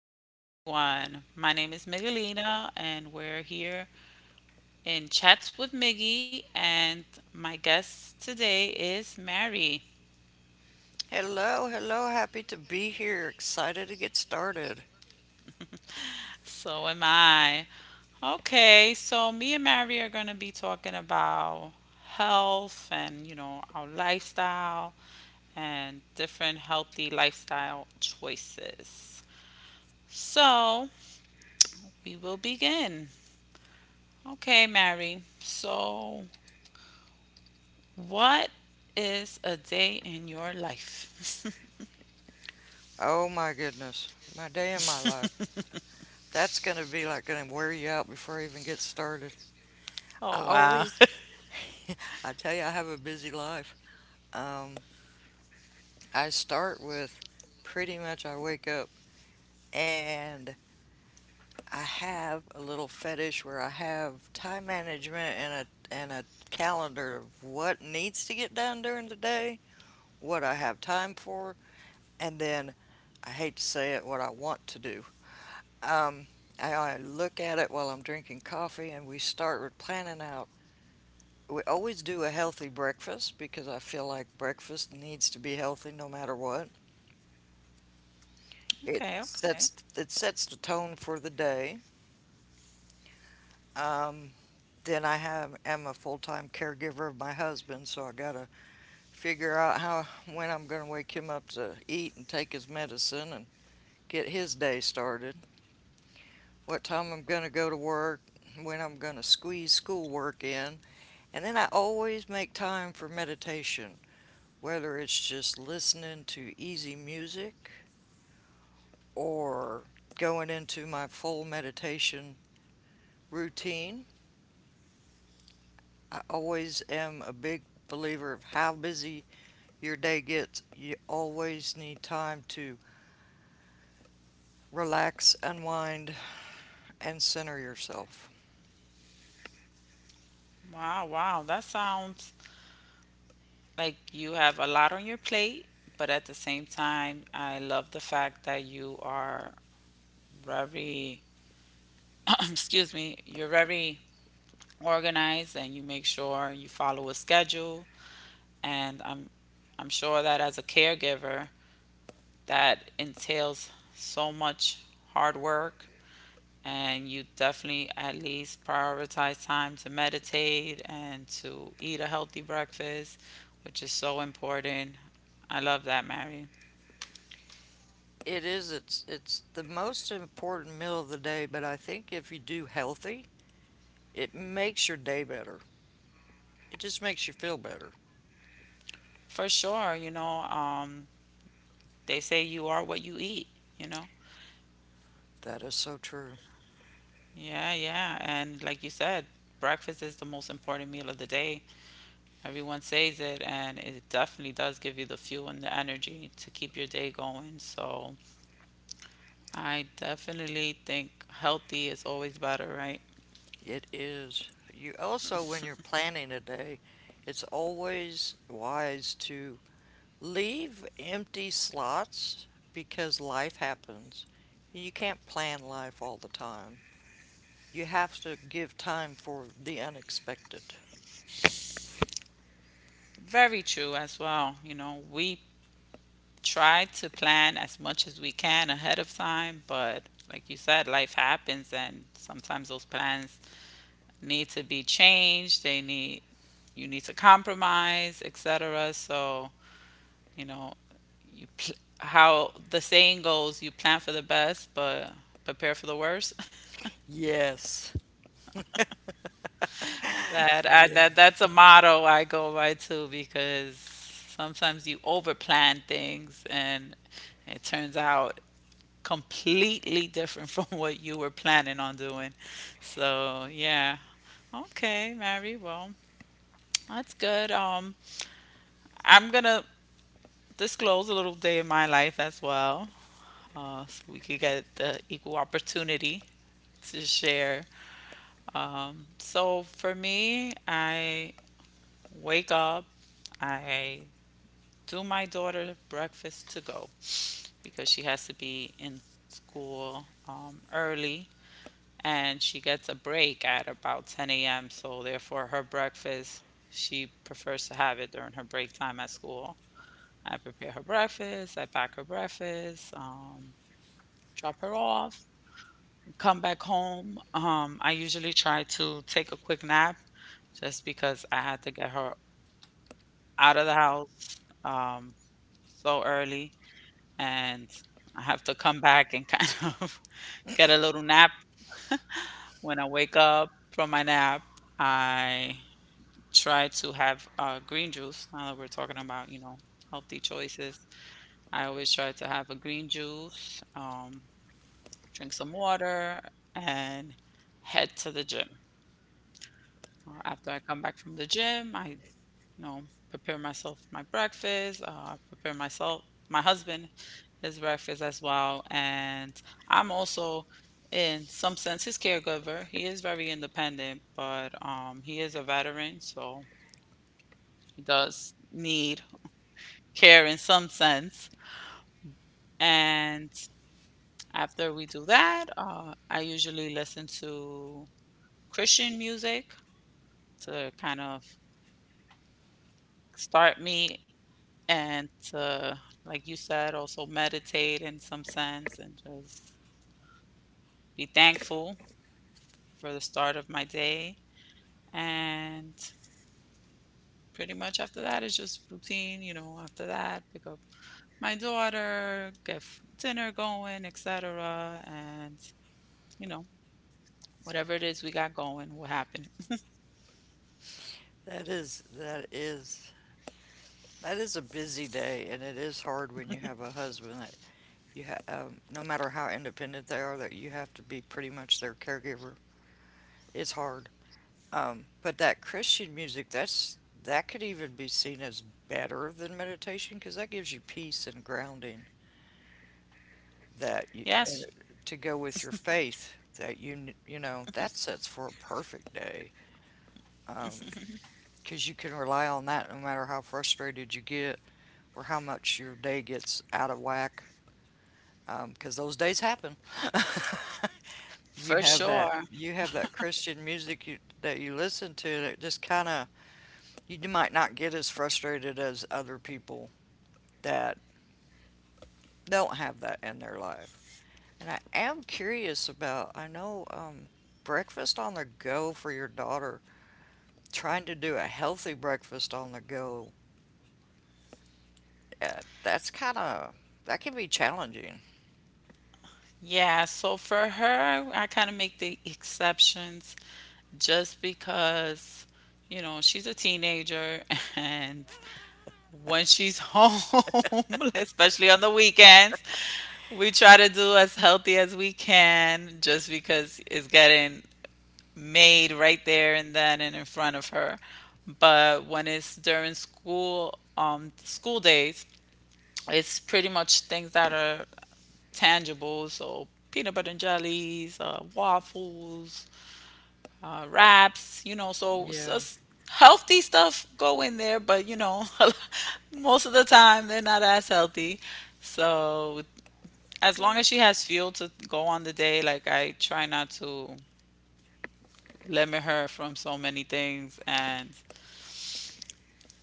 morning, everyone. My name is Miguelina, and we're here in Chats with Miggy, and my guest today is Mary. Hello, hello, happy to be here. Excited to get started. So am I. Okay, so me and Mary are going to be talking about health and, you know, our lifestyle and different healthy lifestyle choices. So we will begin. Okay, Mary. So what is a day in your life? Oh my goodness, my day in my life. That's going to be like going to wear you out before I even get started. Oh, I wow. always, I tell you, I have a busy life. Um, I start with pretty much I wake up and I have a little fetish where I have time management and a calendar of what needs to get done during the day, what I have time for, and then I hate to say it, what I want to do. Um, I look at it while I'm drinking coffee, and we start with planning out. We always do a healthy breakfast because I feel like breakfast needs to be healthy no matter what. It Okay, okay. sets it sets the tone for the day. Um, then I have am a full time caregiver of my husband, so I gotta figure out how when I'm gonna wake him up to eat and take his medicine and get his day started. What time I'm going to go to work, when I'm going to squeeze schoolwork in, and then I always make time for meditation, whether it's just listening to easy music or going into my full meditation routine. I always am a big believer of how busy your day gets. You always need time to relax, unwind, and center yourself. Wow, wow. That sounds like you have a lot on your plate, but at the same time, I love the fact that you are very, excuse me, you're very organized and you make sure you follow a schedule. And I'm sure that as a caregiver, that entails so much hard work and you definitely at least prioritize time to meditate and to eat a healthy breakfast, which is so important. I love that, Mary. It is. It's the most important meal of the day, but I think if you do healthy, it makes your day better. It just makes you feel better. For sure. They say you are what you eat, you know? That is so true. Yeah, yeah. And like you said, breakfast is the most important meal of the day. Everyone says it, and it definitely does give you the fuel and the energy to keep your day going. So I definitely think healthy is always better, right? It is. You also, when you're planning a day, it's always wise to leave empty slots because life happens. You can't plan life all the time. You have to give time for the unexpected. Very true as well. You know, we try to plan as much as we can ahead of time, but like you said, life happens and sometimes those plans need to be changed. They need you need to compromise, etc. So, you know, how the saying goes, you plan for the best, but prepare for the worst. Yes. Yeah. That's a motto I go by too because sometimes you overplan things and it turns out completely different from what you were planning on doing. So, yeah. Okay, Mary. Well, that's good. I'm gonna disclose a little day in my life as well, so we could get the equal opportunity to share. So for me, I wake up, I do my daughter breakfast to go because she has to be in school early, and she gets a break at about 10 a.m. So therefore, her breakfast, she prefers to have it during her break time at school. I prepare her breakfast, I pack her breakfast, drop her off, come back home. I usually try to take a quick nap just because I had to get her out of the house so early, and I have to come back and kind of get a little nap. When I wake up from my nap, I try to have green juice. Now that we're talking about, you know, healthy choices, I always try to have a green juice, drink some water, and head to the gym. After I come back from the gym, I, know, prepare myself my breakfast, prepare myself, my husband, his breakfast as well. And I'm also, in some sense, his caregiver. He is very independent, but he is a veteran, so he does need care in some sense. And after we do that, I usually listen to Christian music to kind of start me and to, like you said, also meditate in some sense and just be thankful for the start of my day. And pretty much after that, it's just routine, you know. After that, pick up my daughter, dinner going, etc. And, you know, whatever it is we got going will happen. That is that is That is a busy day, and it is hard when you have a husband that no matter how independent they are, that you have to be pretty much their caregiver. It's hard. But that Christian music, that's that could even be seen as better than meditation because that gives you peace and grounding that you, and Yes, to go with your faith that you know that sets for a perfect day. Um, because you can rely on that no matter how frustrated you get or how much your day gets out of whack because those days happen. You for have that sure. Christian music that you listen to that just kind of you might not get as frustrated as other people that don't have that in their life. And I am curious about I know breakfast on the go for your daughter. Trying to do a healthy breakfast on the go, that's kind of that can be challenging. Yeah, so for her, I kind of make the exceptions just because, you know, she's a teenager and when she's home, especially on the weekends, we try to do as healthy as we can just because it's getting made right there and then and in front of her. But when it's during school, school days, it's pretty much things that are tangible. So peanut butter and jellies, waffles, wraps, you know, so, so Yeah. s- healthy stuff go in there, but you know, most of the time they're not as healthy. So as long as she has fuel to go on the day, like I try not to limit her from so many things. And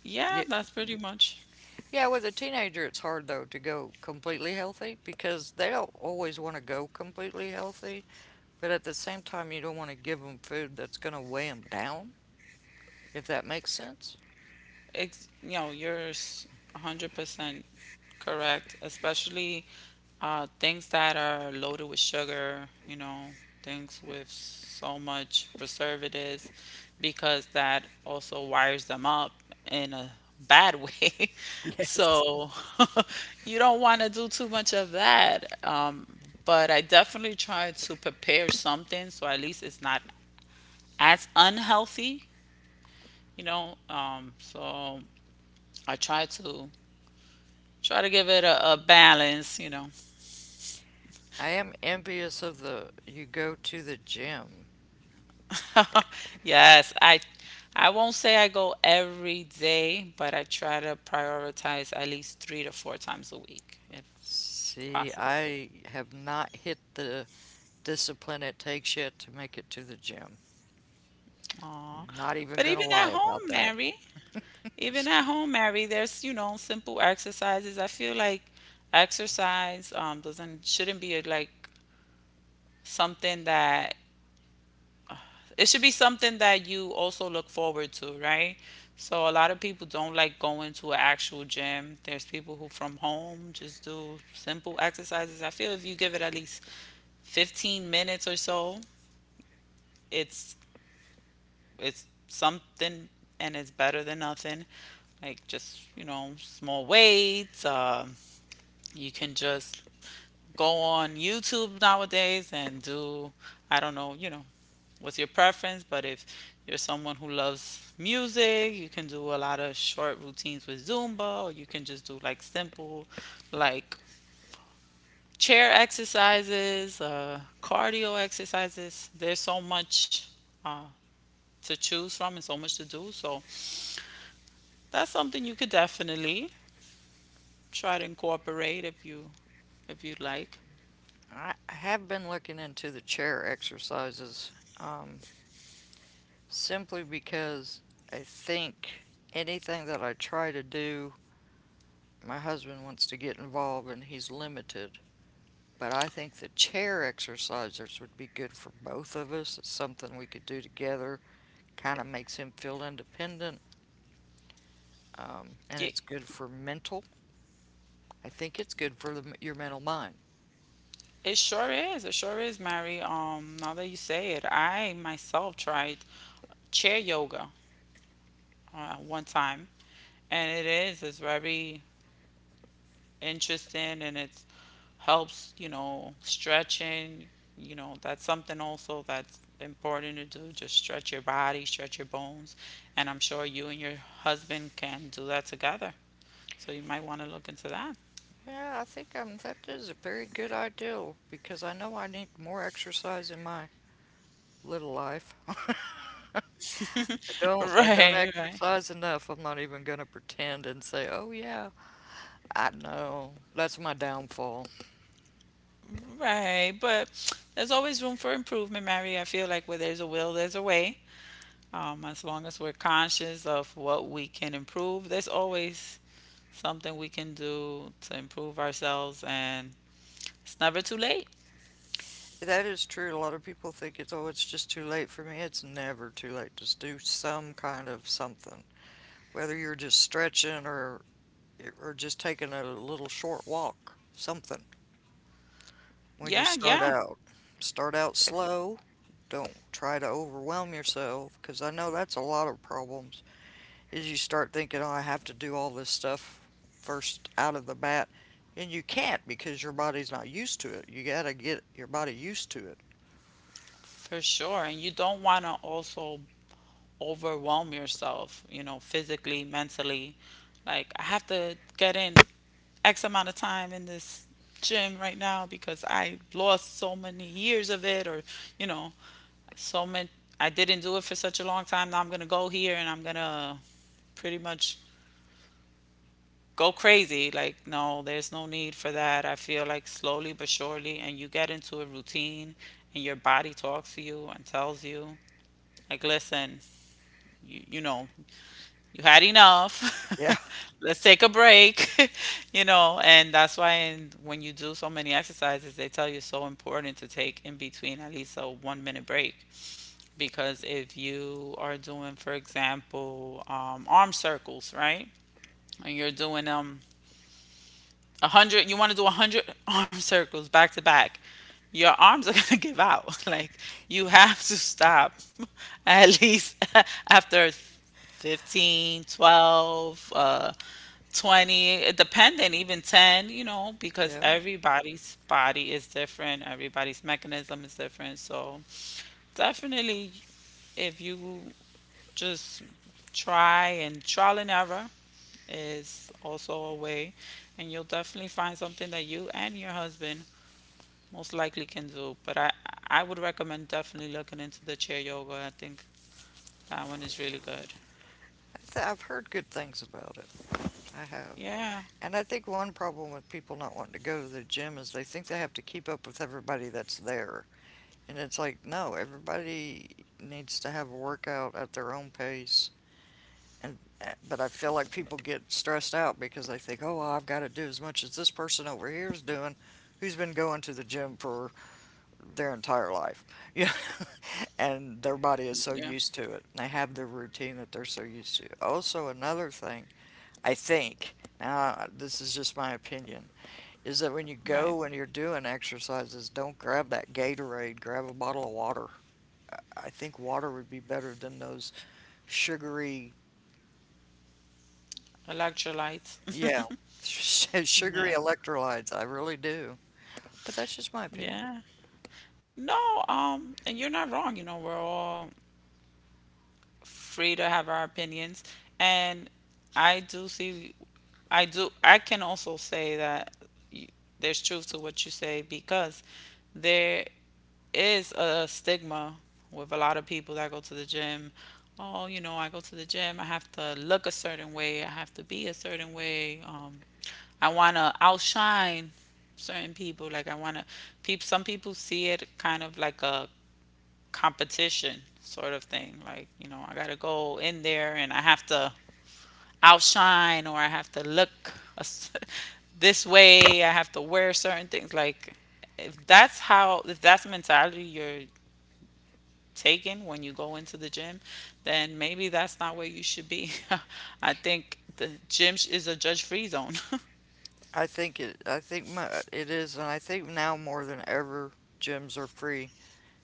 yeah, Yeah. that's pretty much. Yeah, with a teenager, it's hard though to go completely healthy because they don't always want to go completely healthy, but at the same time, you don't want to give them food that's going to weigh them down, if that makes sense. You know, you're 100% correct, especially things that are loaded with sugar, you know, things with so much preservatives, because that also wires them up in a bad way. Yes. So you don't want to do too much of that. But I definitely try to prepare something so at least it's not as unhealthy, you know. So I try to Try to give it a balance, you know. I am envious of the you go to the gym. Yes, I won't say I go every day, but I try to prioritize at least three to four times a week if See, possible. I have not hit the discipline it takes yet to make it to the gym. Aw. Not even But gonna even lie at about home, that. Mary, even at home, Mary, there's, you know, simple exercises. I feel like exercise doesn't shouldn't be like something that it should be something that you also look forward to, right? So a lot of people don't like going to an actual gym. There's people who from home just do simple exercises. I feel if you give it at least 15 minutes or so, it's it's something, and it's better than nothing. Like just, you know, small weights, you can just go on YouTube nowadays and do, I don't know, you know, what's your preference, but if you're someone who loves music, you can do a lot of short routines with Zumba, or you can just do like simple, like chair exercises, cardio exercises. There's so much uh, to choose from and so much to do. So that's something you could definitely try to incorporate if you'd like. I have been looking into the chair exercises. um, Simply because I think anything that I try to do, my husband wants to get involved and he's limited. But I think the chair exercises would be good for both of us. It's something we could do together. Kind of makes him feel independent, and Yeah. it's good for mental. I think it's good for your mental mind. It sure is. It sure is, Mary. Now that you say it, I myself tried chair yoga one time, and it is. It's very interesting, and it helps, you know, stretching. You know that's something also that's important to do. Just stretch your body, stretch your bones, and I'm sure you and your husband can do that together. So you might want to look into that. Yeah, I think that is a very good idea because I know I need more exercise in my little life. I don't Right, right. exercise enough. I'm not even gonna pretend and say, "Oh yeah, I know." That's my downfall. Right, but there's always room for improvement, Mary. I feel like where there's a will, there's a way. As long as we're conscious of what we can improve, there's always something we can do to improve ourselves, and it's never too late. That is true. A lot of people think it's, "Oh, it's just too late for me." It's never too late. Just do some kind of something. Whether you're just stretching or just taking a little short walk, something. When you Yeah, yeah, start out slow. Don't try to overwhelm yourself because I know that's a lot of problems. Is you start thinking, oh, I have to do all this stuff first out of the bat. And you can't because your body's not used to it. You got to get your body used to it. for sure. And you don't want to also overwhelm yourself, you know, physically, mentally. Like, I have to get in X amount of time in this gym right now because I lost so many years of it, or, you know, so many, I didn't do it for such a long time. Now I'm going to go here and I'm going to pretty much go crazy. Like, no, there's no need for that. I feel like slowly but surely, and you get into a routine and your body talks to you and tells you, like, listen, you know, you had enough. Yeah. Let's take a break, you know, and that's why when you do so many exercises, they tell you it's so important to take in between at least a 1 minute break. Because if you are doing, for example, arm circles, right? And you're doing them 100. You want to do 100 arm circles back to back. Your arms are gonna give out. Like you have to stop at least after 15, 12, 20, depending, even 10, you know, because Yeah. everybody's body is different, everybody's mechanism is different. So, definitely, if you just try and trial and error, is also a way, and you'll definitely find something that you and your husband most likely can do. I would recommend definitely looking into the chair yoga. I think that one is really good. I've heard good things about it. I have. Yeah, And I think one problem with people not wanting to go to the gym is they think they have to keep up with everybody that's there. And it's like, no, everybody needs to have a workout at their own pace and but I feel like people get stressed out because they think, oh, well, I've got to do as much as this person over here is doing, who's been going to the gym for their entire life, you know, and their body is so yeah, used to it. They have their routine that they're so used to. Also, another thing I think now this is just my opinion is that when you right. go and you're doing exercises, don't grab that Gatorade, grab a bottle of water. I think water would be better than those sugary. Electrolytes. Yeah, sugary Yeah. electrolytes. I really do. But that's just my opinion. Yeah. No, and you're not wrong. You know, we're all free to have our opinions. And I do see, I do, I can also say that y- there's truth to what you say because there is a stigma with a lot of people that go to the gym. Oh, you know, I go to the gym, I have to look a certain way, I have to be a certain way. I want to outshine certain people. Like, I want to, peop, Some people see it kind of like a competition sort of thing. Like, you know, I got to go in there and I have to outshine or I have to look a s this way, I have to wear certain things. Like, if that's mentality you're taken when you go into the gym, then maybe that's not where you should be. I think is a judge-free zone, I think it. I think my It is, and I think now more than ever, gyms are free,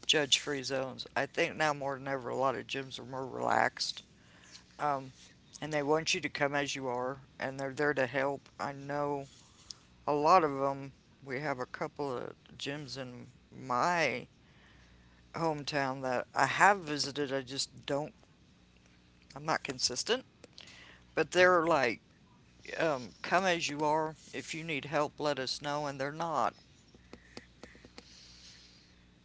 judge-free zones. I think now more than ever, a lot of gyms are more relaxed, um, and they want you to come as you are, and they're there to help. I know a lot of them. We have a couple of gyms in my hometown that I have visited. I just don't. I'm not consistent, but they're like come as you are. If you need help, let us know. And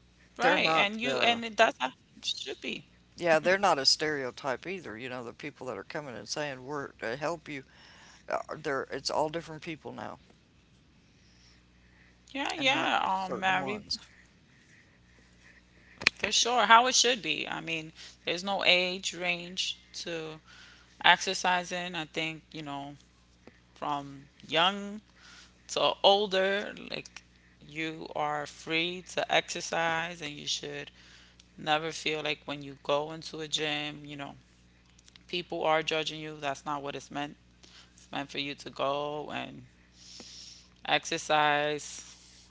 they're right? not And you the, and it that's how it should be. yeah, they're not a stereotype either. You know, the people that are coming and saying we're to help you, they're, it's all different people now Yeah, and not yeah, just certain Mary, ones. for sure. How it should be. I mean, there's no age range to exercising. I think you know, from young to older, like you are free to exercise and you should never feel like when you go into a gym, you know, people are judging you. That's not what it's meant. It's meant for you to go and exercise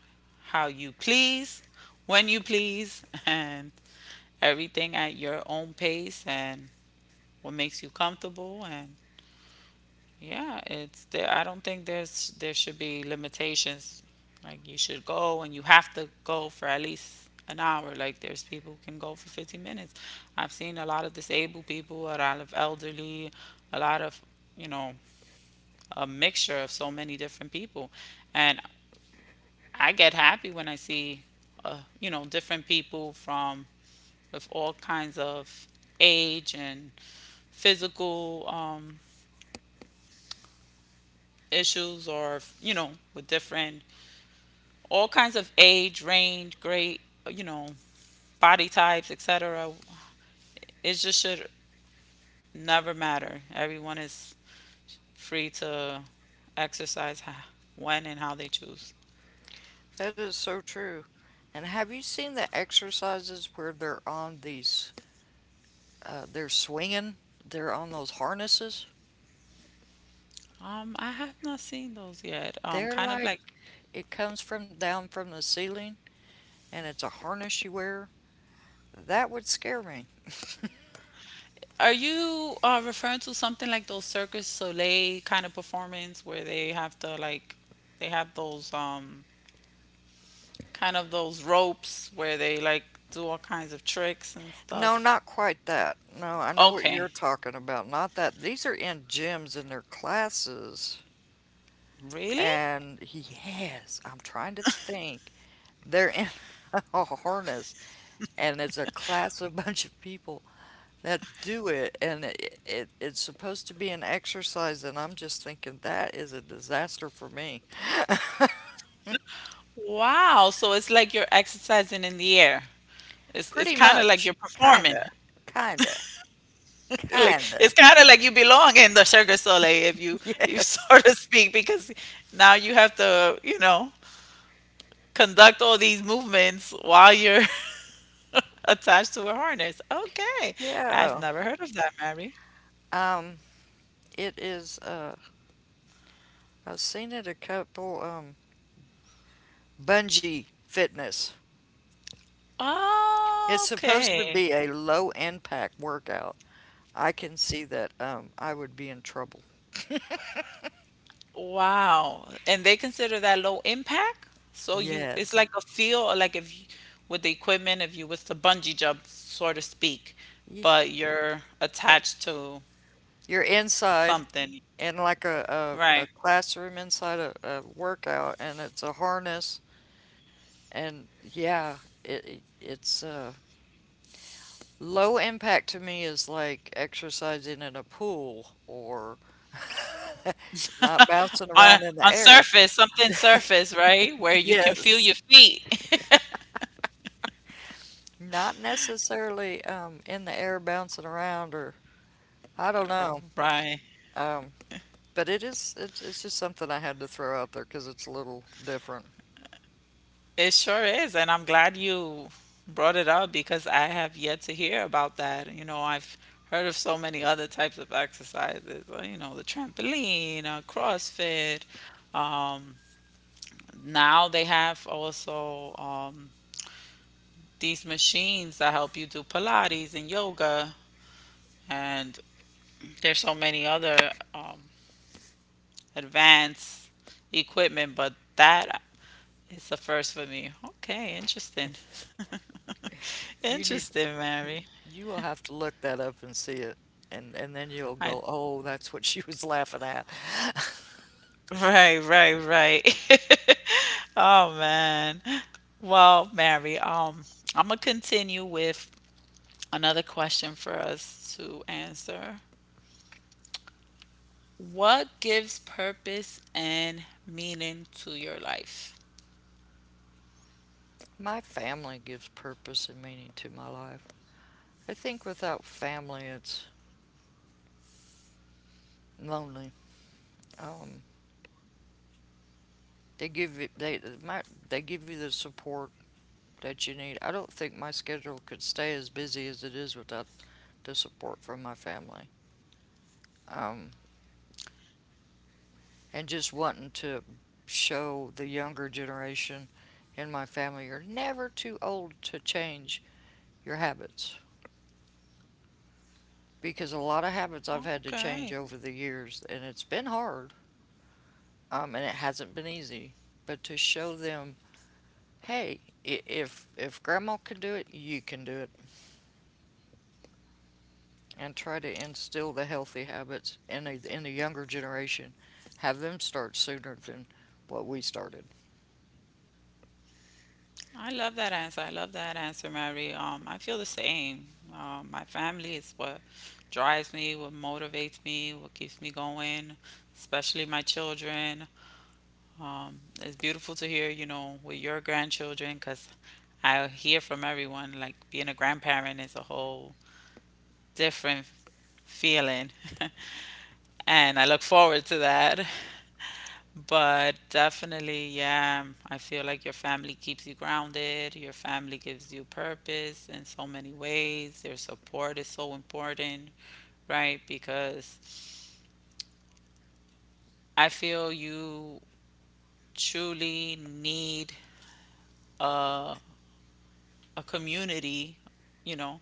how you please, when you please, and everything at your own pace and what makes you comfortable. And yeah, it's there. I don't think there should be limitations. Like you should go and you have to go for at least an hour. Like there's people who can go for 15 minutes. I've seen a lot of disabled people, a lot of elderly, a lot of, you know, a mixture of so many different people. And I get happy when I see, you know, different people from with all kinds of age and physical issues, or you know, with different, all kinds of age, range, great, you know, body types, etc. It just should never matter. Everyone is free to exercise when and how they choose. That is so true. And have you seen the exercises where they're on these, they're swinging, they're on those harnesses? I have not seen those yet. They're Kind of like, like. it comes from down from the ceiling and it's a harness you wear. That would scare me. Are you referring to something like those Circus Soleil kind of performance, where they have to, like, they have those, um, kind of those ropes where they, like, do all kinds of tricks and No, stuff? not quite that. No, I know what you're Okay. talking about. Not that. These are in gyms in their classes. Really? And yes, I'm trying to think. They're in a harness, and it's a class of a bunch of people that do it, and it's supposed to be an exercise, and I'm just thinking that is a disaster for me. Wow. So it's like you're exercising in the air. It's Pretty kind of like much, you're performing. kinda, kinda, Like it's kinda. kind of like you belong in the Cirque Soleil, if you you Yes, sort of speak, because now you have to, you know, conduct all these movements while you're attached to a harness. Okay. I've yeah. never heard of that, Mary. Um, it is. I've seen it a couple, bungee fitness. It's supposed to Okay. be a low impact workout. I can see that I would be in trouble. Wow. And they consider that low impact? So you, it's Yes. like a feel, or like if you, with the equipment, if you was to bungee jump, so to speak, Ye- but you're eh, attached to You're inside something, in like a right? classroom inside a workout, and it's a harness. And yeah, it's low impact to me is like exercising in a pool or not bouncing around in the On air. surface, something surface, right? Where you can feel Yes. your feet. Not necessarily in the air bouncing around or I don't know, Right. but it is it's just something I had to throw out there because it's a little different. It sure is, and I'm glad you brought it up because I have yet to hear about that. You know, I've heard of so many other types of exercises, you know, the trampoline, CrossFit. Um, now they have also, these machines that help you do Pilates and yoga, and there's so many other, um, advanced equipment, but that is the first for me. Okay, interesting. You need Interesting, Mary. you will have to look that up and see it, and then you'll I go, oh, that's what she was laughing at. Right, right, right. Oh man. Well, Mary, I'm gonna continue with another question for us to answer. What gives purpose and meaning to your life? My family gives purpose and meaning to my life. I think without family, it's lonely. Um, they give you they give you the support that you need. I don't think my schedule could stay as busy as it is without the support from my family. Um, and just wanting to show the younger generation in my family you're never too old to change your habits because a lot of habits I've had to change Okay. over the years and it's been hard, and it hasn't been easy but to show them, hey, if grandma can do it you can do it and try to instill the healthy habits in in the younger generation, have them start sooner than what we started. I love that answer. I love that answer, Mary. I feel the same. My family is what drives me, what motivates me, what keeps me going, especially my children. It's beautiful to hear, you know, with your grandchildren, because I hear from everyone, like being a grandparent is a whole different feeling, and I look forward to that. But definitely, yeah, I feel like your family keeps you grounded, your family gives you purpose in so many ways, their support is so important, right? Because I feel you truly need a, a community, you know,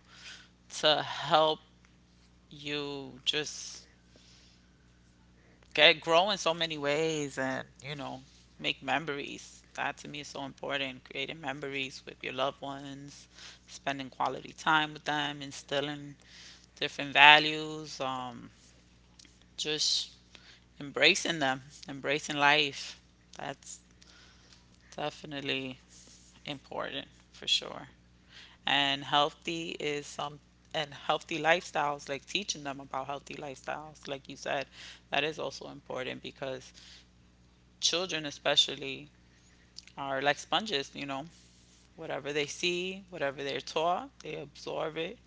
to help you just get grow in so many ways, and you know, make memories. That to me is so important, creating memories with your loved ones, spending quality time with them, instilling different values, um, just embracing them, embracing life. That's definitely important, for sure. And healthy is some and healthy lifestyles, like teaching them about healthy lifestyles like you said, that is also important because children especially are like sponges, you know, whatever they see, whatever they're taught, they absorb it.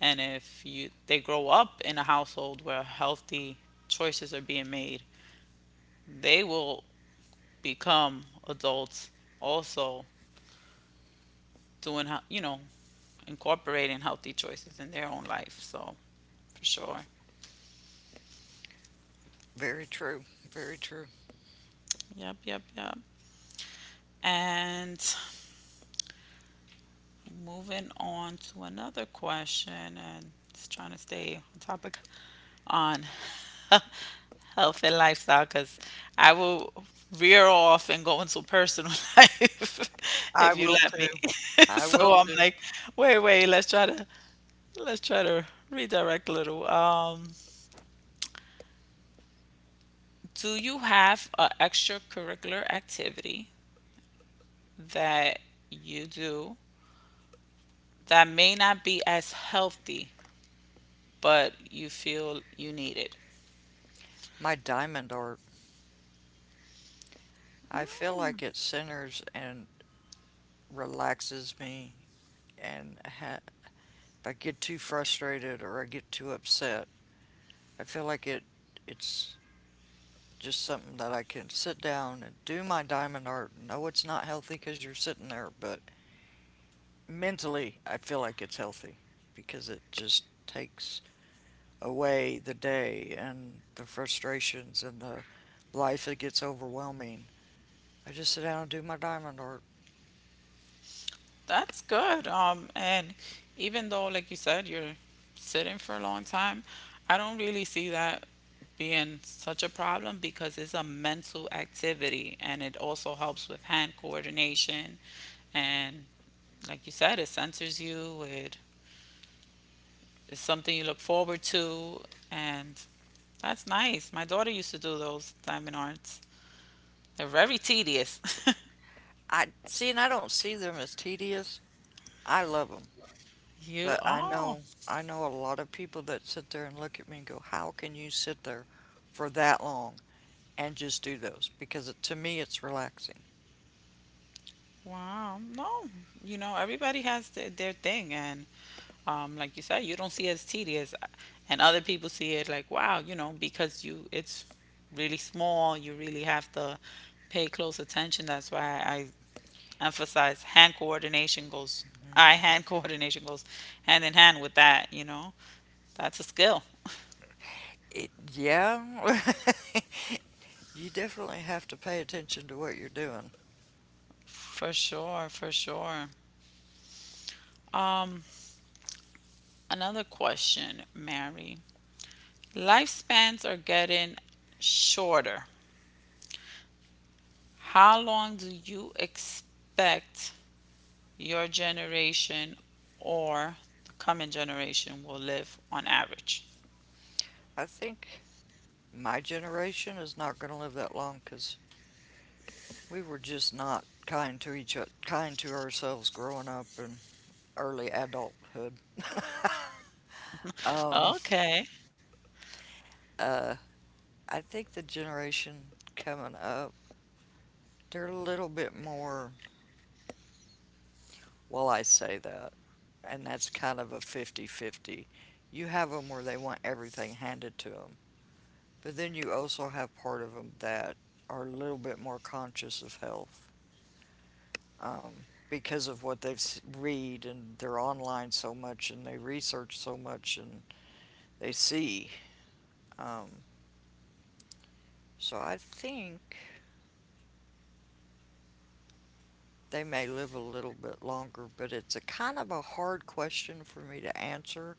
And if you they grow up in a household where healthy choices are being made, they will become adults also doing you know, incorporating healthy choices in their own life. So for sure. Very true. Very true. Yep, yep, yep. And moving on to another question, and just trying to stay on topic on health and lifestyle, because I will veer off and go into personal life I if you will let me. too. I will So I'm too. like, wait, wait, let's try to redirect a little. Do you have an extracurricular activity that you do that may not be as healthy, but you feel you need it? My diamond art. I feel like it centers and relaxes me. And ha- if I get too frustrated or I get too upset, I feel like it. It's just something that I can sit down and do my diamond art. No, it's not healthy because you're sitting there, but mentally, I feel like it's healthy because it just takes away the day and the frustrations and the life that gets overwhelming. I just sit down and do my diamond art. That's good. And even though, like you said, you're sitting for a long time, I don't really see that being such a problem because it's a mental activity and it also helps with hand coordination. And like you said, it centers you, it is something you look forward to. And that's nice. My daughter used to do those diamond arts, they're very tedious. I see, and I don't see them as tedious. I love them, You, but I oh. know I know a lot of people that sit there and look at me and go, "How can you sit there for that long and just do those?" Because to me, it's relaxing. Wow. No, you know, everybody has their thing. And like you said, you don't see it as tedious. And other people see it like, wow, you know, because you it's really small. You really have to pay close attention. That's why I emphasize hand coordination goes, eye hand coordination goes hand in hand with that, you know. That's a skill. It, yeah, you definitely have to pay attention to what you're doing. For sure, for sure. Um, another question, Mary. Lifespans are getting shorter. How long do you expect your generation or the coming generation will live on average? I think my generation is not going to live that long because. We were just not kind to each other, kind to ourselves growing up and early adulthood. Um, Okay. uh, I think the generation coming up, they're a little bit more, well, I say that, and that's kind of a 50-50. You have them where they want everything handed to them, but then you also have part of them that are a little bit more conscious of health. Because of what they've read and they're online so much and they research so much and they see Um, so I think they may live a little bit longer, but it's a kind of a hard question for me to answer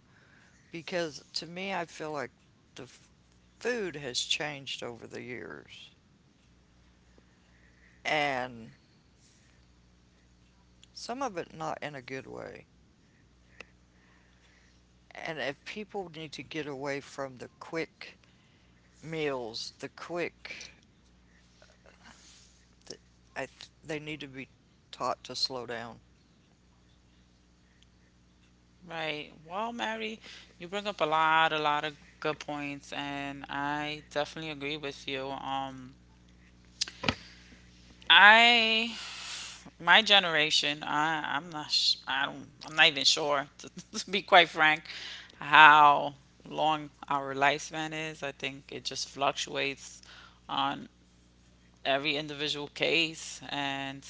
because to me, I feel like the f- food has changed over the years and some of it not in a good way. And if people need to get away from the quick meals, the quick, th- I th- they need to be taught to slow down. Right. Well, Mary, you bring up a lot of good points, and I definitely agree with you. I, my generation, I'm not even sure, to be quite frank, how long our lifespan is. I think it just fluctuates on every individual case. And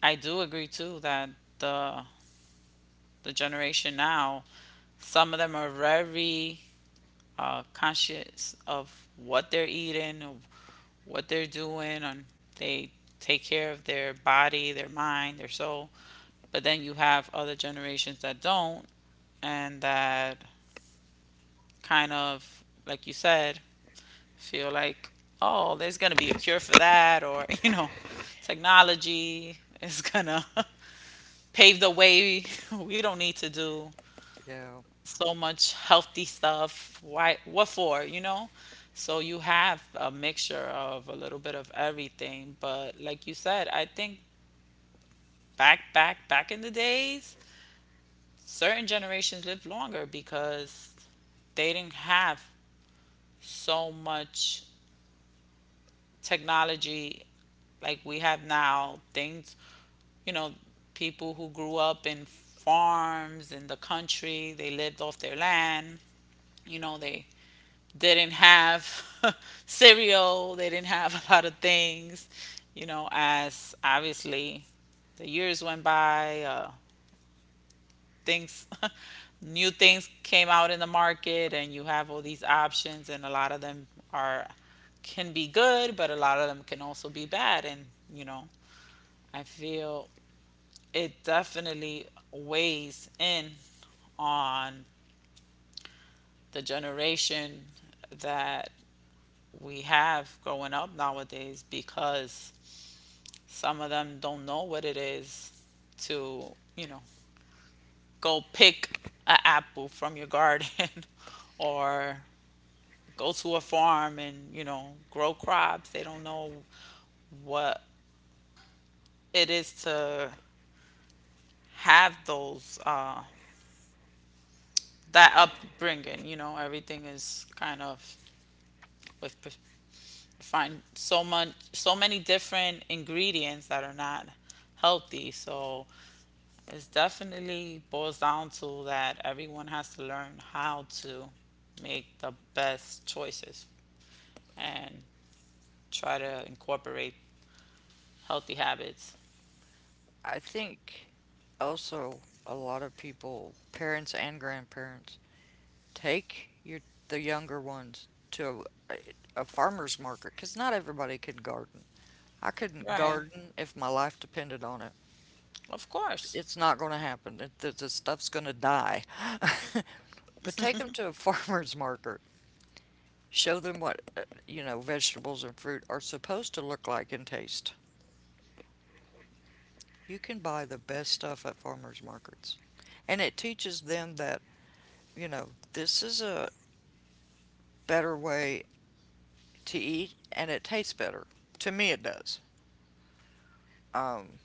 I do agree too that the the generation now, some of them are very, conscious of what they're eating, of what they're doing, and they take care of their body, their mind, their soul. But then you have other generations that don't, and that kind of, like you said, feel like, oh, there's gonna be a cure for that, or you know, technology is gonna pave the way. We don't need to do Yeah. so much healthy stuff. Why? What for? You know? So you have a mixture of a little bit of everything. But like you said, I think back in the days, certain generations lived longer because they didn't have so much technology like we have now. Things, you know, people who grew up in farms in the country, they lived off their land. You know, they didn't have cereal, they didn't have a lot of things, you know, as obviously the years went by, things new things came out in the market, and you have all these options, and a lot of them are, can be good, but a lot of them can also be bad. And you know, I feel it definitely weighs in on the generation that we have growing up nowadays, because some of them don't know what it is to, you know, go pick an apple from your garden, or go to a farm and, you know, grow crops. They don't know what it is to have those, that upbringing, you know, everything is kind of with find so much, so many different ingredients that are not healthy. So it's definitely boils down to that everyone has to learn how to make the best choices and try to incorporate healthy habits. I think also a lot of people, parents and grandparents, take your the younger ones to a farmer's market because not everybody can garden. I couldn't Right. garden if my life depended on it. Of course. It's not going to happen. The stuff's going to die. But take them to a farmer's market. Show them what, you know, vegetables and fruit are supposed to look like and taste. You can buy the best stuff at farmer's markets. And it teaches them that you know, this is a better way to eat and it tastes better. To me, it does. Um,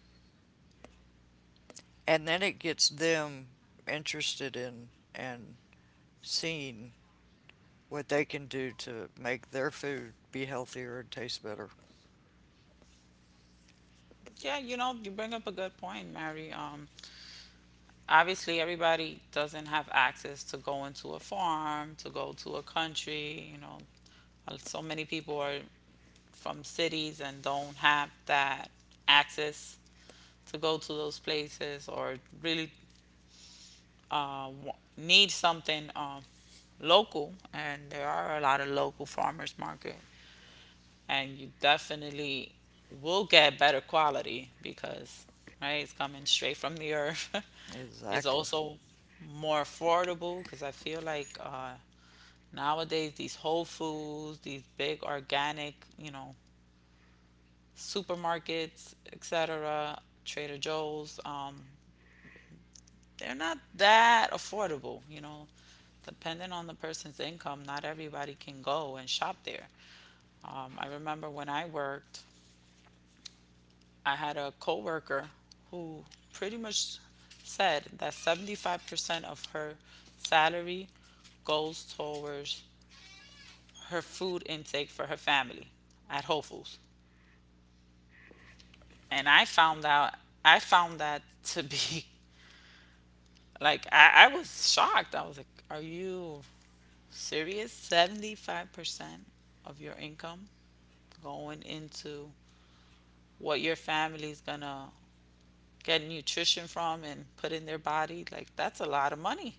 and then it gets them interested in and seeing what they can do to make their food be healthier and taste better. Yeah, you know, you bring up a good point, Mary. Obviously, everybody doesn't have access to go into a farm, to go to a country. You know, uh, so many people are from cities and don't have that access to go to those places, or really, need something, local, and there are a lot of local farmers market, and you definitely will get better quality because, right, it's coming straight from the earth. It's Exactly. also more affordable, because I feel like, nowadays these Whole Foods, these big organic, you know, supermarkets, etc., Trader Joe's. They're not that affordable, you know. Depending on the person's income, not everybody can go and shop there. I remember when I worked, I had a coworker who pretty much said that 75% of her salary goes towards her food intake for her family at Whole Foods. And I found that to be like, I was shocked. I was like, are you serious? 75% of your income going into what your family's gonna get nutrition from and put in their body? Like, that's a lot of money.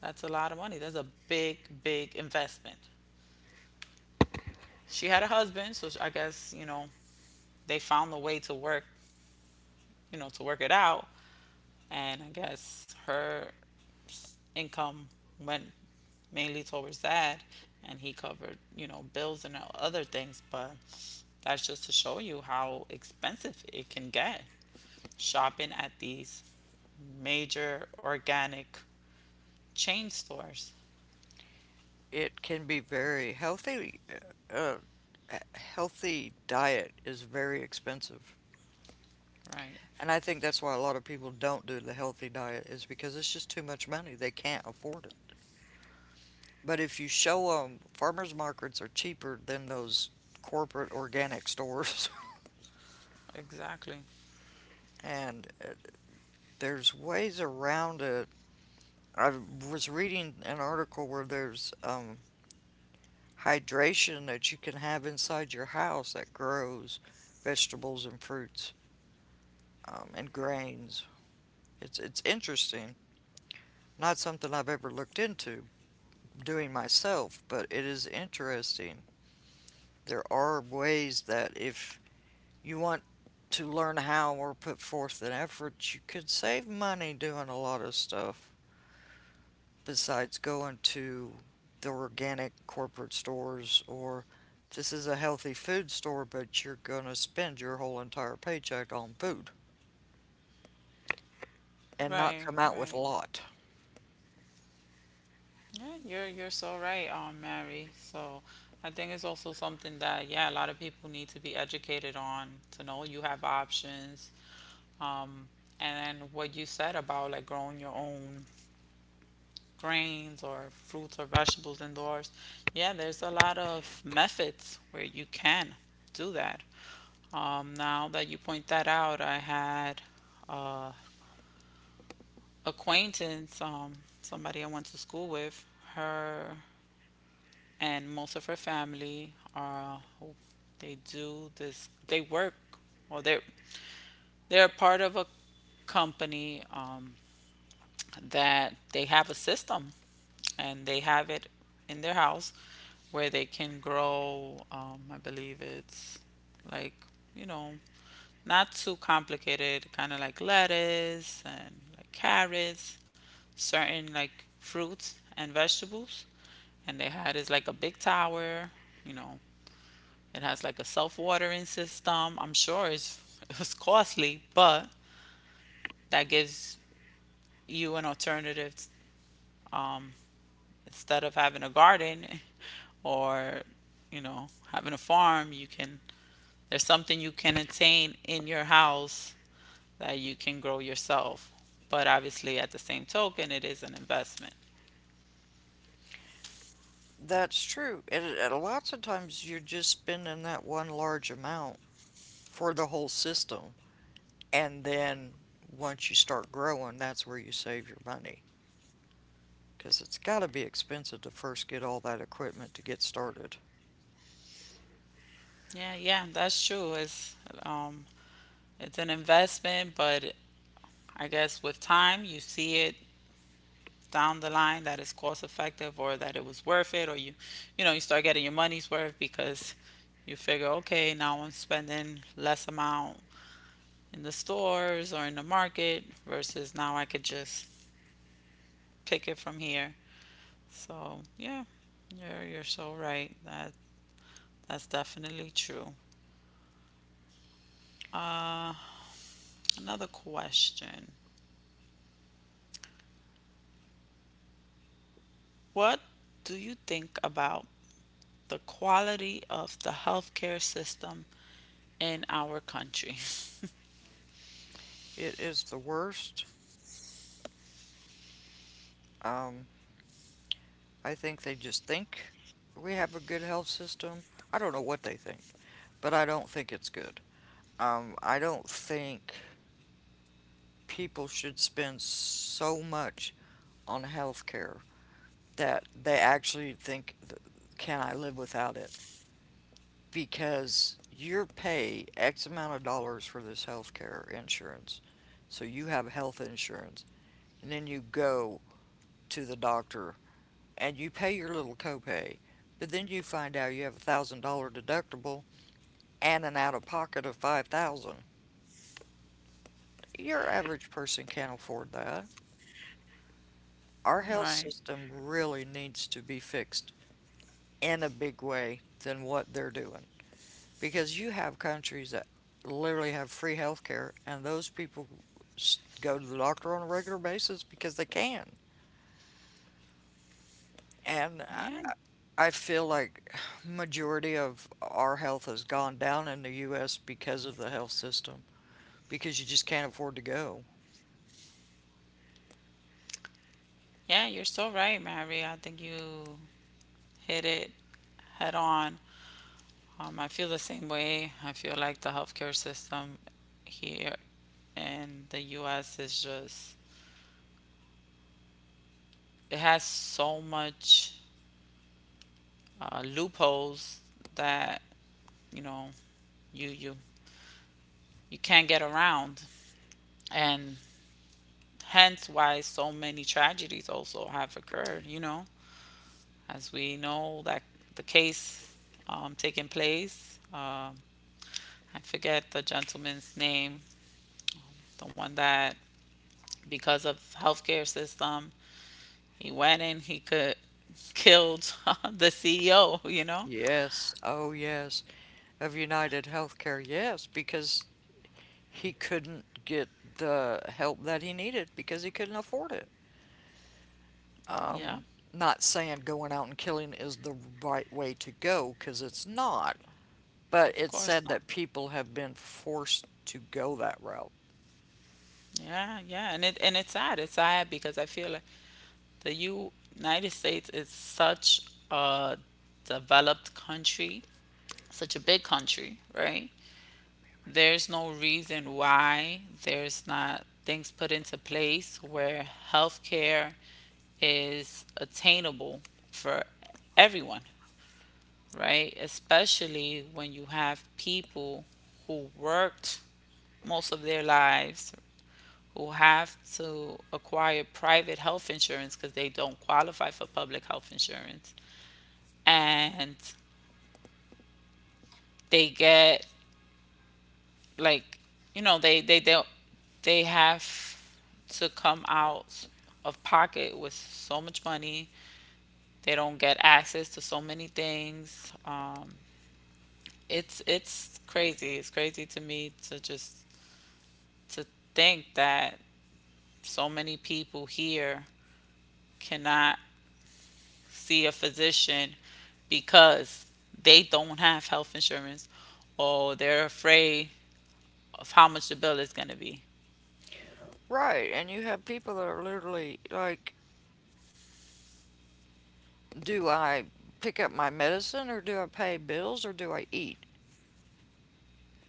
That's a lot of money. That's a big investment. She had a husband, so I guess you know they found a way to work, you know, to work it out. And I guess her income went mainly towards that, and he covered, you know, bills and other things. But that's just to show you how expensive it can get shopping at these major organic chain stores. It can be very healthy. Uh, a healthy diet is very expensive. Right. And I think that's why a lot of people don't do the healthy diet is because it's just too much money. They can't afford it. But if you show them farmers markets are cheaper than those corporate organic stores, Exactly. and there's ways around it. I was reading an article where there's hydration that you can have inside your house that grows vegetables and fruits and grains. It's interesting. Not something I've ever looked into doing myself, but it is interesting. There are ways that if you want to learn how or put forth an effort, you can save money doing a lot of stuff besides going to the organic corporate stores or this is a healthy food store, but you're going to spend your whole entire paycheck on food and not Right, come out with right. a lot. Yeah, you're so right, Mary. So I think it's also something that, yeah, a lot of people need to be educated on, to know you have options. Um, and then what you said about like growing your own grains or fruits or vegetables indoors. Yeah, there's a lot of methods where you can do that. Now that you point that out, I had a acquaintance, somebody I went to school with. Her and most of her family are, they do this. They work, or they're part of a company that they have a system, and they have it in their house where they can grow, I believe it's like, you know, not too complicated, kind of like lettuce and like carrots, certain like fruits and vegetables. And they had is like a big tower, you know. It has like a self-watering system. I'm sure it's, it was costly, but that gives you an alternative, um, instead of having a garden, or, you know, having a farm. You can, there's something you can attain in your house that you can grow yourself. But obviously at the same token, it is an investment. That's true. And lots of times you're just spending that one large amount for the whole system. And then once you start growing, that's where you save your money, because it's got to be expensive to first get all that equipment to get started. Yeah, yeah, that's true. It's um it's an investment, but I guess with time you see it down the line that it's cost effective, or that it was worth it, or you know, you start getting your money's worth. Because you figure, okay, now I'm spending less amount in the stores or in the market, versus now I could just pick it from here. So yeah, you're so right. That's definitely true. Uh, Another question. What do you think about the quality of the healthcare system in our country? It is the worst. Um, I think they just think we have a good health system. I don't know what they think, but I don't think it's good. I don't think people should spend so much on health care that they actually think, can I live without it? Because you pay X amount of dollars for this health care insurance. So you have health insurance and then you go to the doctor and you pay your little copay, but then you find out you have a $1,000 deductible and an out of pocket of 5,000. Your average person can't afford that. Our health Right. system really needs to be fixed in a big way than what they're doing because you have countries that literally have free health care and those people go to the doctor on a regular basis because they can. And Yeah. I feel like majority of our health has gone down in the US because of the health system, because you just can't afford to go. Yeah, you're so right, Mary. I think you hit it head on. I feel the same way. I feel like the healthcare system here and the US is just, it has so much loopholes that, you know, you you you can't get around. And hence why so many tragedies also have occurred, you know, as we know that the case, taking place, I forget the gentleman's name, the one that because of healthcare system, he went in, he could, killed the CEO, you know. Yes, oh yes. Of United Healthcare, yes, because he couldn't get the help that he needed because he couldn't afford it. Yeah. Not saying going out and killing is the right way to go, because it's not, but Of it's course said not. that people have been forced to go that route. Yeah, yeah, and it's sad. It's sad, because I feel like the United States is such a developed country, such a big country, right? There's no reason why there's not things put into place where healthcare is attainable for everyone, right? Especially when you have people who worked most of their lives, who have to acquire private health insurance because they don't qualify for public health insurance, and they get like, you know, they have to come out of pocket with so much money. They don't get access to so many things. It's crazy. It's crazy to me to just to think that so many people here cannot see a physician because they don't have health insurance, or they're afraid of how much the bill is going to be. Right, and you have people that are literally like, do I pick up my medicine or do I pay bills or do I eat?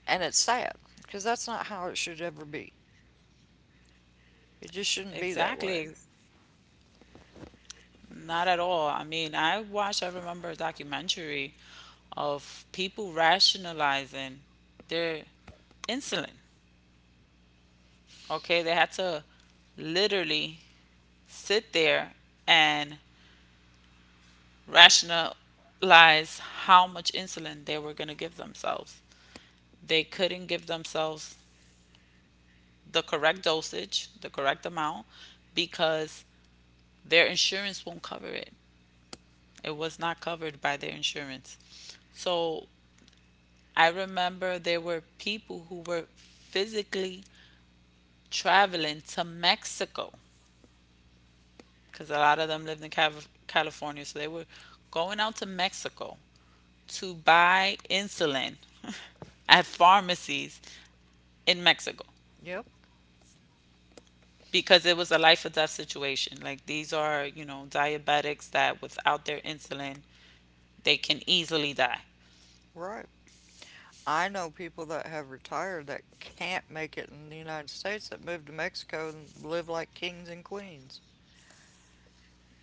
And it's sad because that's not how it should ever be. It just shouldn't be that way. Exactly. Not at all. I mean, I watched, I remember a documentary of people rationalizing their insulin. Okay, they had to literally sit there and rationalize how much insulin they were going to give themselves. They couldn't give themselves the correct dosage, the correct amount, because their insurance won't cover it. It was not covered by their insurance. So I remember there were people who were physically traveling to Mexico, because a lot of them lived in California. So they were going out to Mexico to buy insulin at pharmacies in Mexico, Yep, because it was a life or death situation. Like, these are, you know, diabetics that without their insulin, they can easily die. right. I know people that have retired that can't make it in the United States that move to Mexico and live like kings and queens.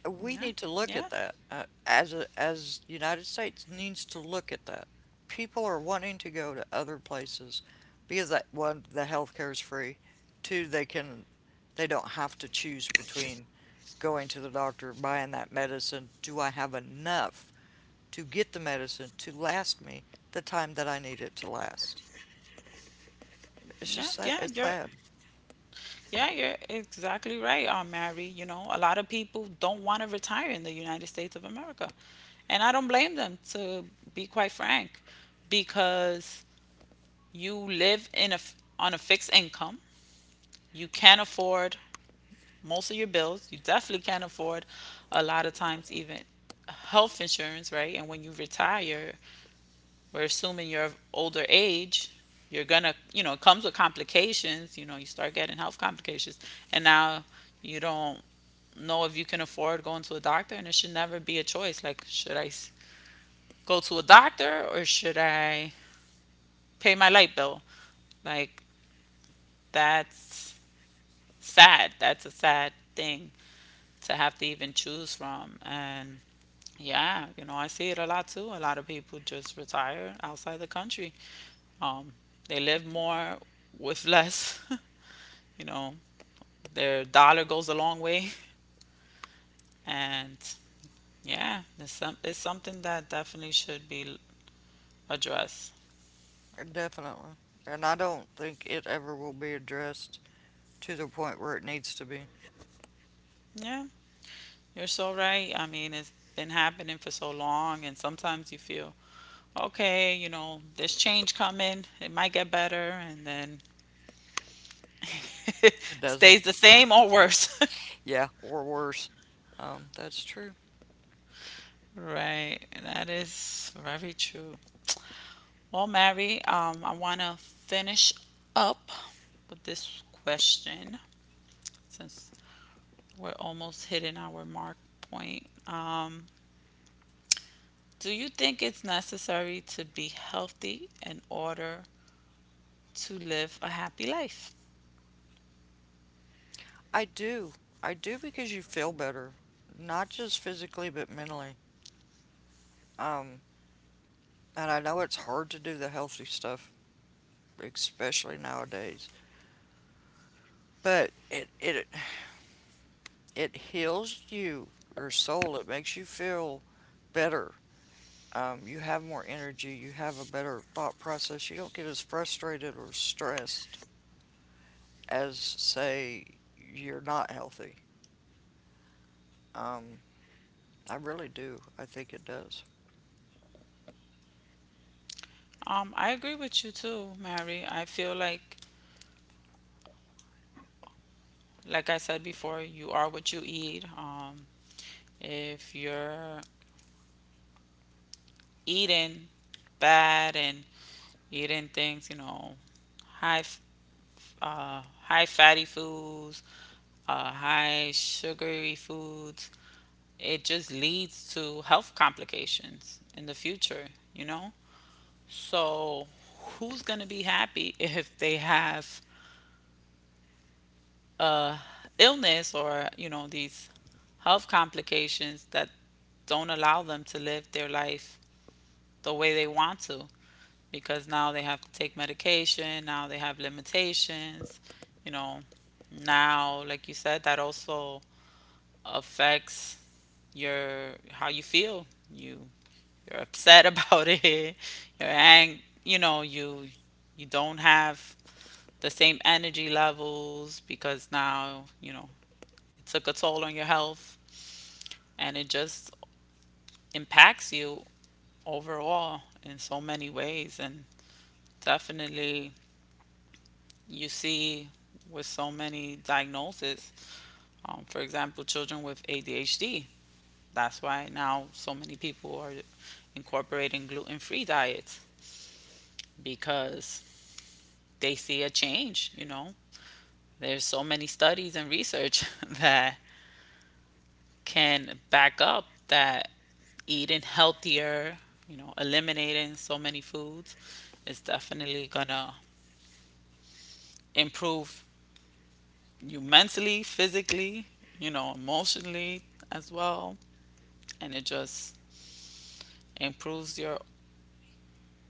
We Yeah, need to look yeah, at that as the United States needs to look at that. People are wanting to go to other places because that, one, the healthcare is free. Two, they don't have to choose between going to the doctor, buying that medicine. Do I have enough to get the medicine to last me the time that I need it to last? It's yeah, just sad. yeah. It's You're, sad, yeah, you're exactly right, Mary. You know, a lot of people don't want to retire in the United States of America, and I don't blame them. To be quite frank, because you live in a on a fixed income, you can't afford most of your bills. You definitely can't afford a lot of times even health insurance, right? And when you retire, we're assuming you're of older age, you're gonna, you know, it comes with complications. You know, you start getting health complications, and now you don't know if you can afford going to a doctor. And it should never be a choice, like, should go to a doctor or should I pay my light bill? Like, that's sad. That's a sad thing to have to even choose from. And yeah, you know, I see it a lot too. A lot of people just retire outside the country. Um, they live more with less. you know, their dollar goes a long way. And yeah, it's, some, it's something that definitely should be addressed. definitely. And I don't think it ever will be addressed to the point where it needs to be. Yeah, you're so right. I mean, it's been happening for so long, and sometimes you feel, okay, you know, there's change coming, it might get better, and then It doesn't. stays the same or worse. Yeah, or worse. That's true. Right, that is very true. Well, Mary, I want to finish up with this question, since we're almost hitting our mark point. Do you think it's necessary to be healthy in order to live a happy life? I do. I do because you feel better, not just physically, but mentally. Um, and I know it's hard to do the healthy stuff, especially nowadays, but it heals you, your soul. It makes you feel better. You have more energy. You have a better thought process. You don't get as frustrated or stressed as, say, you're not healthy. Um, I really do. I think it does. I agree with you too, Mary. I feel like I said before, you are what you eat. If you're eating bad and eating things, you know, high high fatty foods, high sugary foods, it just leads to health complications in the future, you know? So, who's going to be happy if they have a illness, or, you know, these health complications that don't allow them to live their life the way they want to? Because now they have to take medication, now they have limitations, you know. Now, like you said, that also affects your, how you feel. You you're upset about it. You know, you don't have the same energy levels, because now, you know, it took a toll on your health, and it just impacts you overall in so many ways. And definitely you see with so many diagnoses. For example, children with ADHD. That's why now so many people are incorporating gluten free diets, because they see a change, you know. There's so many studies and research that can back up that eating healthier, you know, eliminating so many foods is definitely gonna improve you mentally, physically, you know, emotionally as well. And it just improves your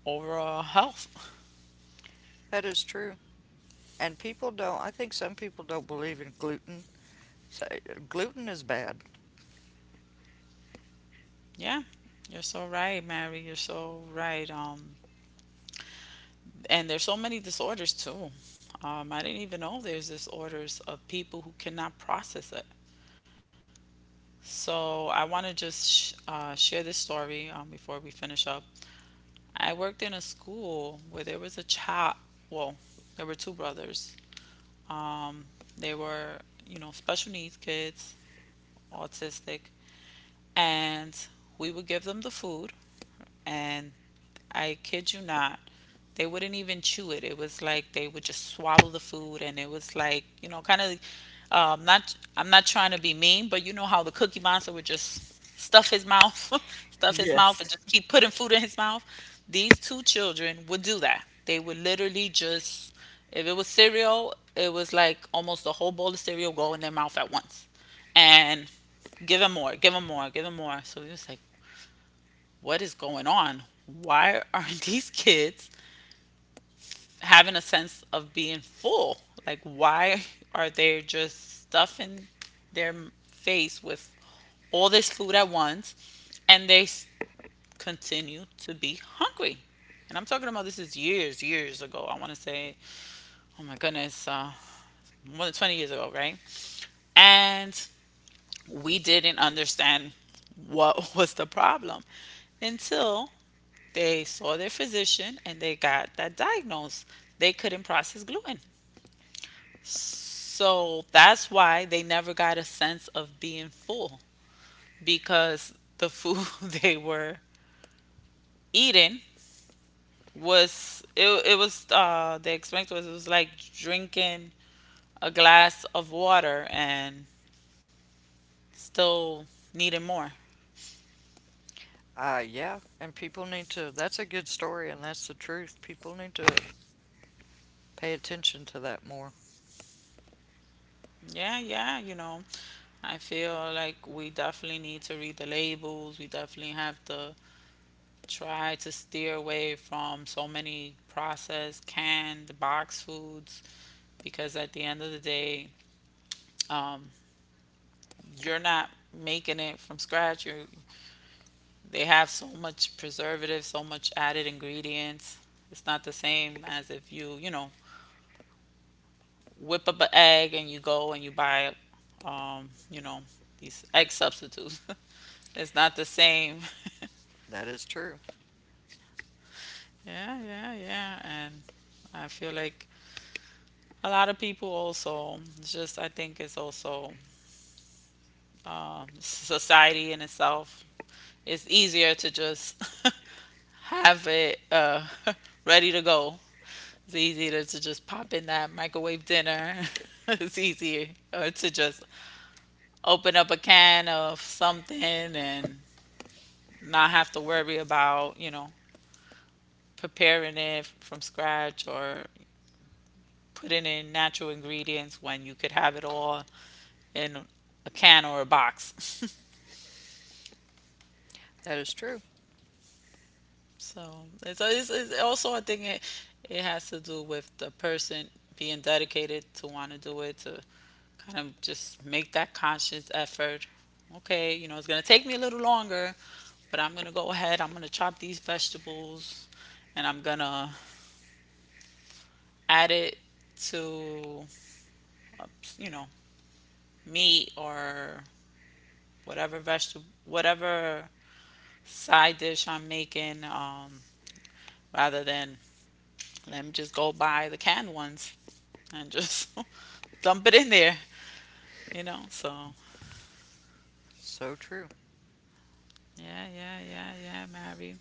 overall health. That is true. And people don't, I think some people don't believe in gluten. Say gluten is bad. Yeah, you're so right, Mary. You're so right. And there's so many disorders too. I didn't even know there's disorders of people who cannot process it. So I want to just share this story before we finish up. I worked in a school where there was a child. Well, there were two brothers. Um, they were, you know, special needs kids, autistic, and we would give them the food, and I kid you not, they wouldn't even chew it. It was like they would just swallow the food, and it was like, you know, kind of. Not, I'm not trying to be mean, but you know how the Cookie Monster would just stuff his mouth, stuff his Yes. mouth, and just keep putting food in his mouth. These two children would do that. They would literally just, if it was cereal, it was like almost a whole bowl of cereal go in their mouth at once. And give them more, give them more, give them more. So we was like, what is going on? Why are these kids having a sense of being full? Like, why are they just stuffing their face with all this food at once, and continue to be hungry? And I'm talking about, this is years, years ago. I want to say, oh my goodness, more than 20 years ago, right? And we didn't understand what was the problem, until they saw their physician and they got that diagnosed. They couldn't process gluten. So that's why they never got a sense of being full, because the food they were eating was it was the experience was, it was like drinking a glass of water and still needing more. Yeah, and people need to, that's a good story and that's the truth. People need to pay attention to that more. Yeah, yeah, you know. I feel like we definitely need to read the labels. We definitely have to try to steer away from so many processed, canned, box foods, because at the end of the day, um, you're not making it from scratch. You They have so much preservative, so much added ingredients. It's not the same as if you, you know, whip up an egg, and you go and you buy, you know, these egg substitutes. it's not the same. That is true. Yeah, yeah, yeah, and I feel like a lot of people also, it's just, I think it's also, society in itself. It's easier to just have it ready to go. It's easier to just pop in that microwave dinner. it's easier to just open up a can of something and not have to worry about, you know, preparing it from scratch, or putting in natural ingredients, when you could have it all in a can or a box. That is true. So it's also, I think it, it has to do with the person being dedicated to want to do it, to kind of just make that conscious effort. Okay, you know, it's gonna take me a little longer, but I'm gonna go ahead. I'm gonna chop these vegetables, and I'm gonna add it to, uh, you know, meat, or whatever vegetable, whatever side dish I'm making, rather than, let me just go buy the canned ones and just dump it in there, you know. So, So true. yeah, yeah, yeah, yeah, Mary.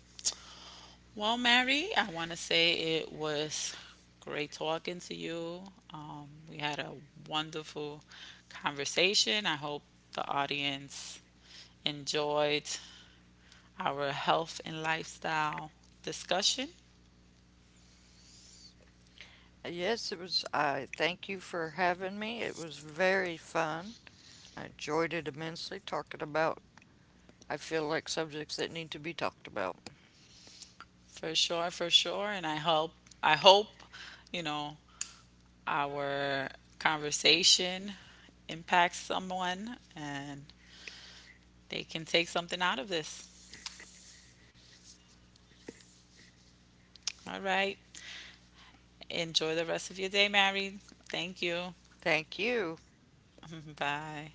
Well, Mary, I want to say it was great talking to you. We had a wonderful conversation. I hope the audience enjoyed our health and lifestyle discussion. Yes, it was, I thank you for having me. It was very fun. I enjoyed it immensely talking about, I feel like subjects that need to be talked about. For sure, for sure. And I hope, you know, our conversation impacts someone, and they can take something out of this. All right. Enjoy the rest of your day, Mary. Thank you. Thank you. Bye.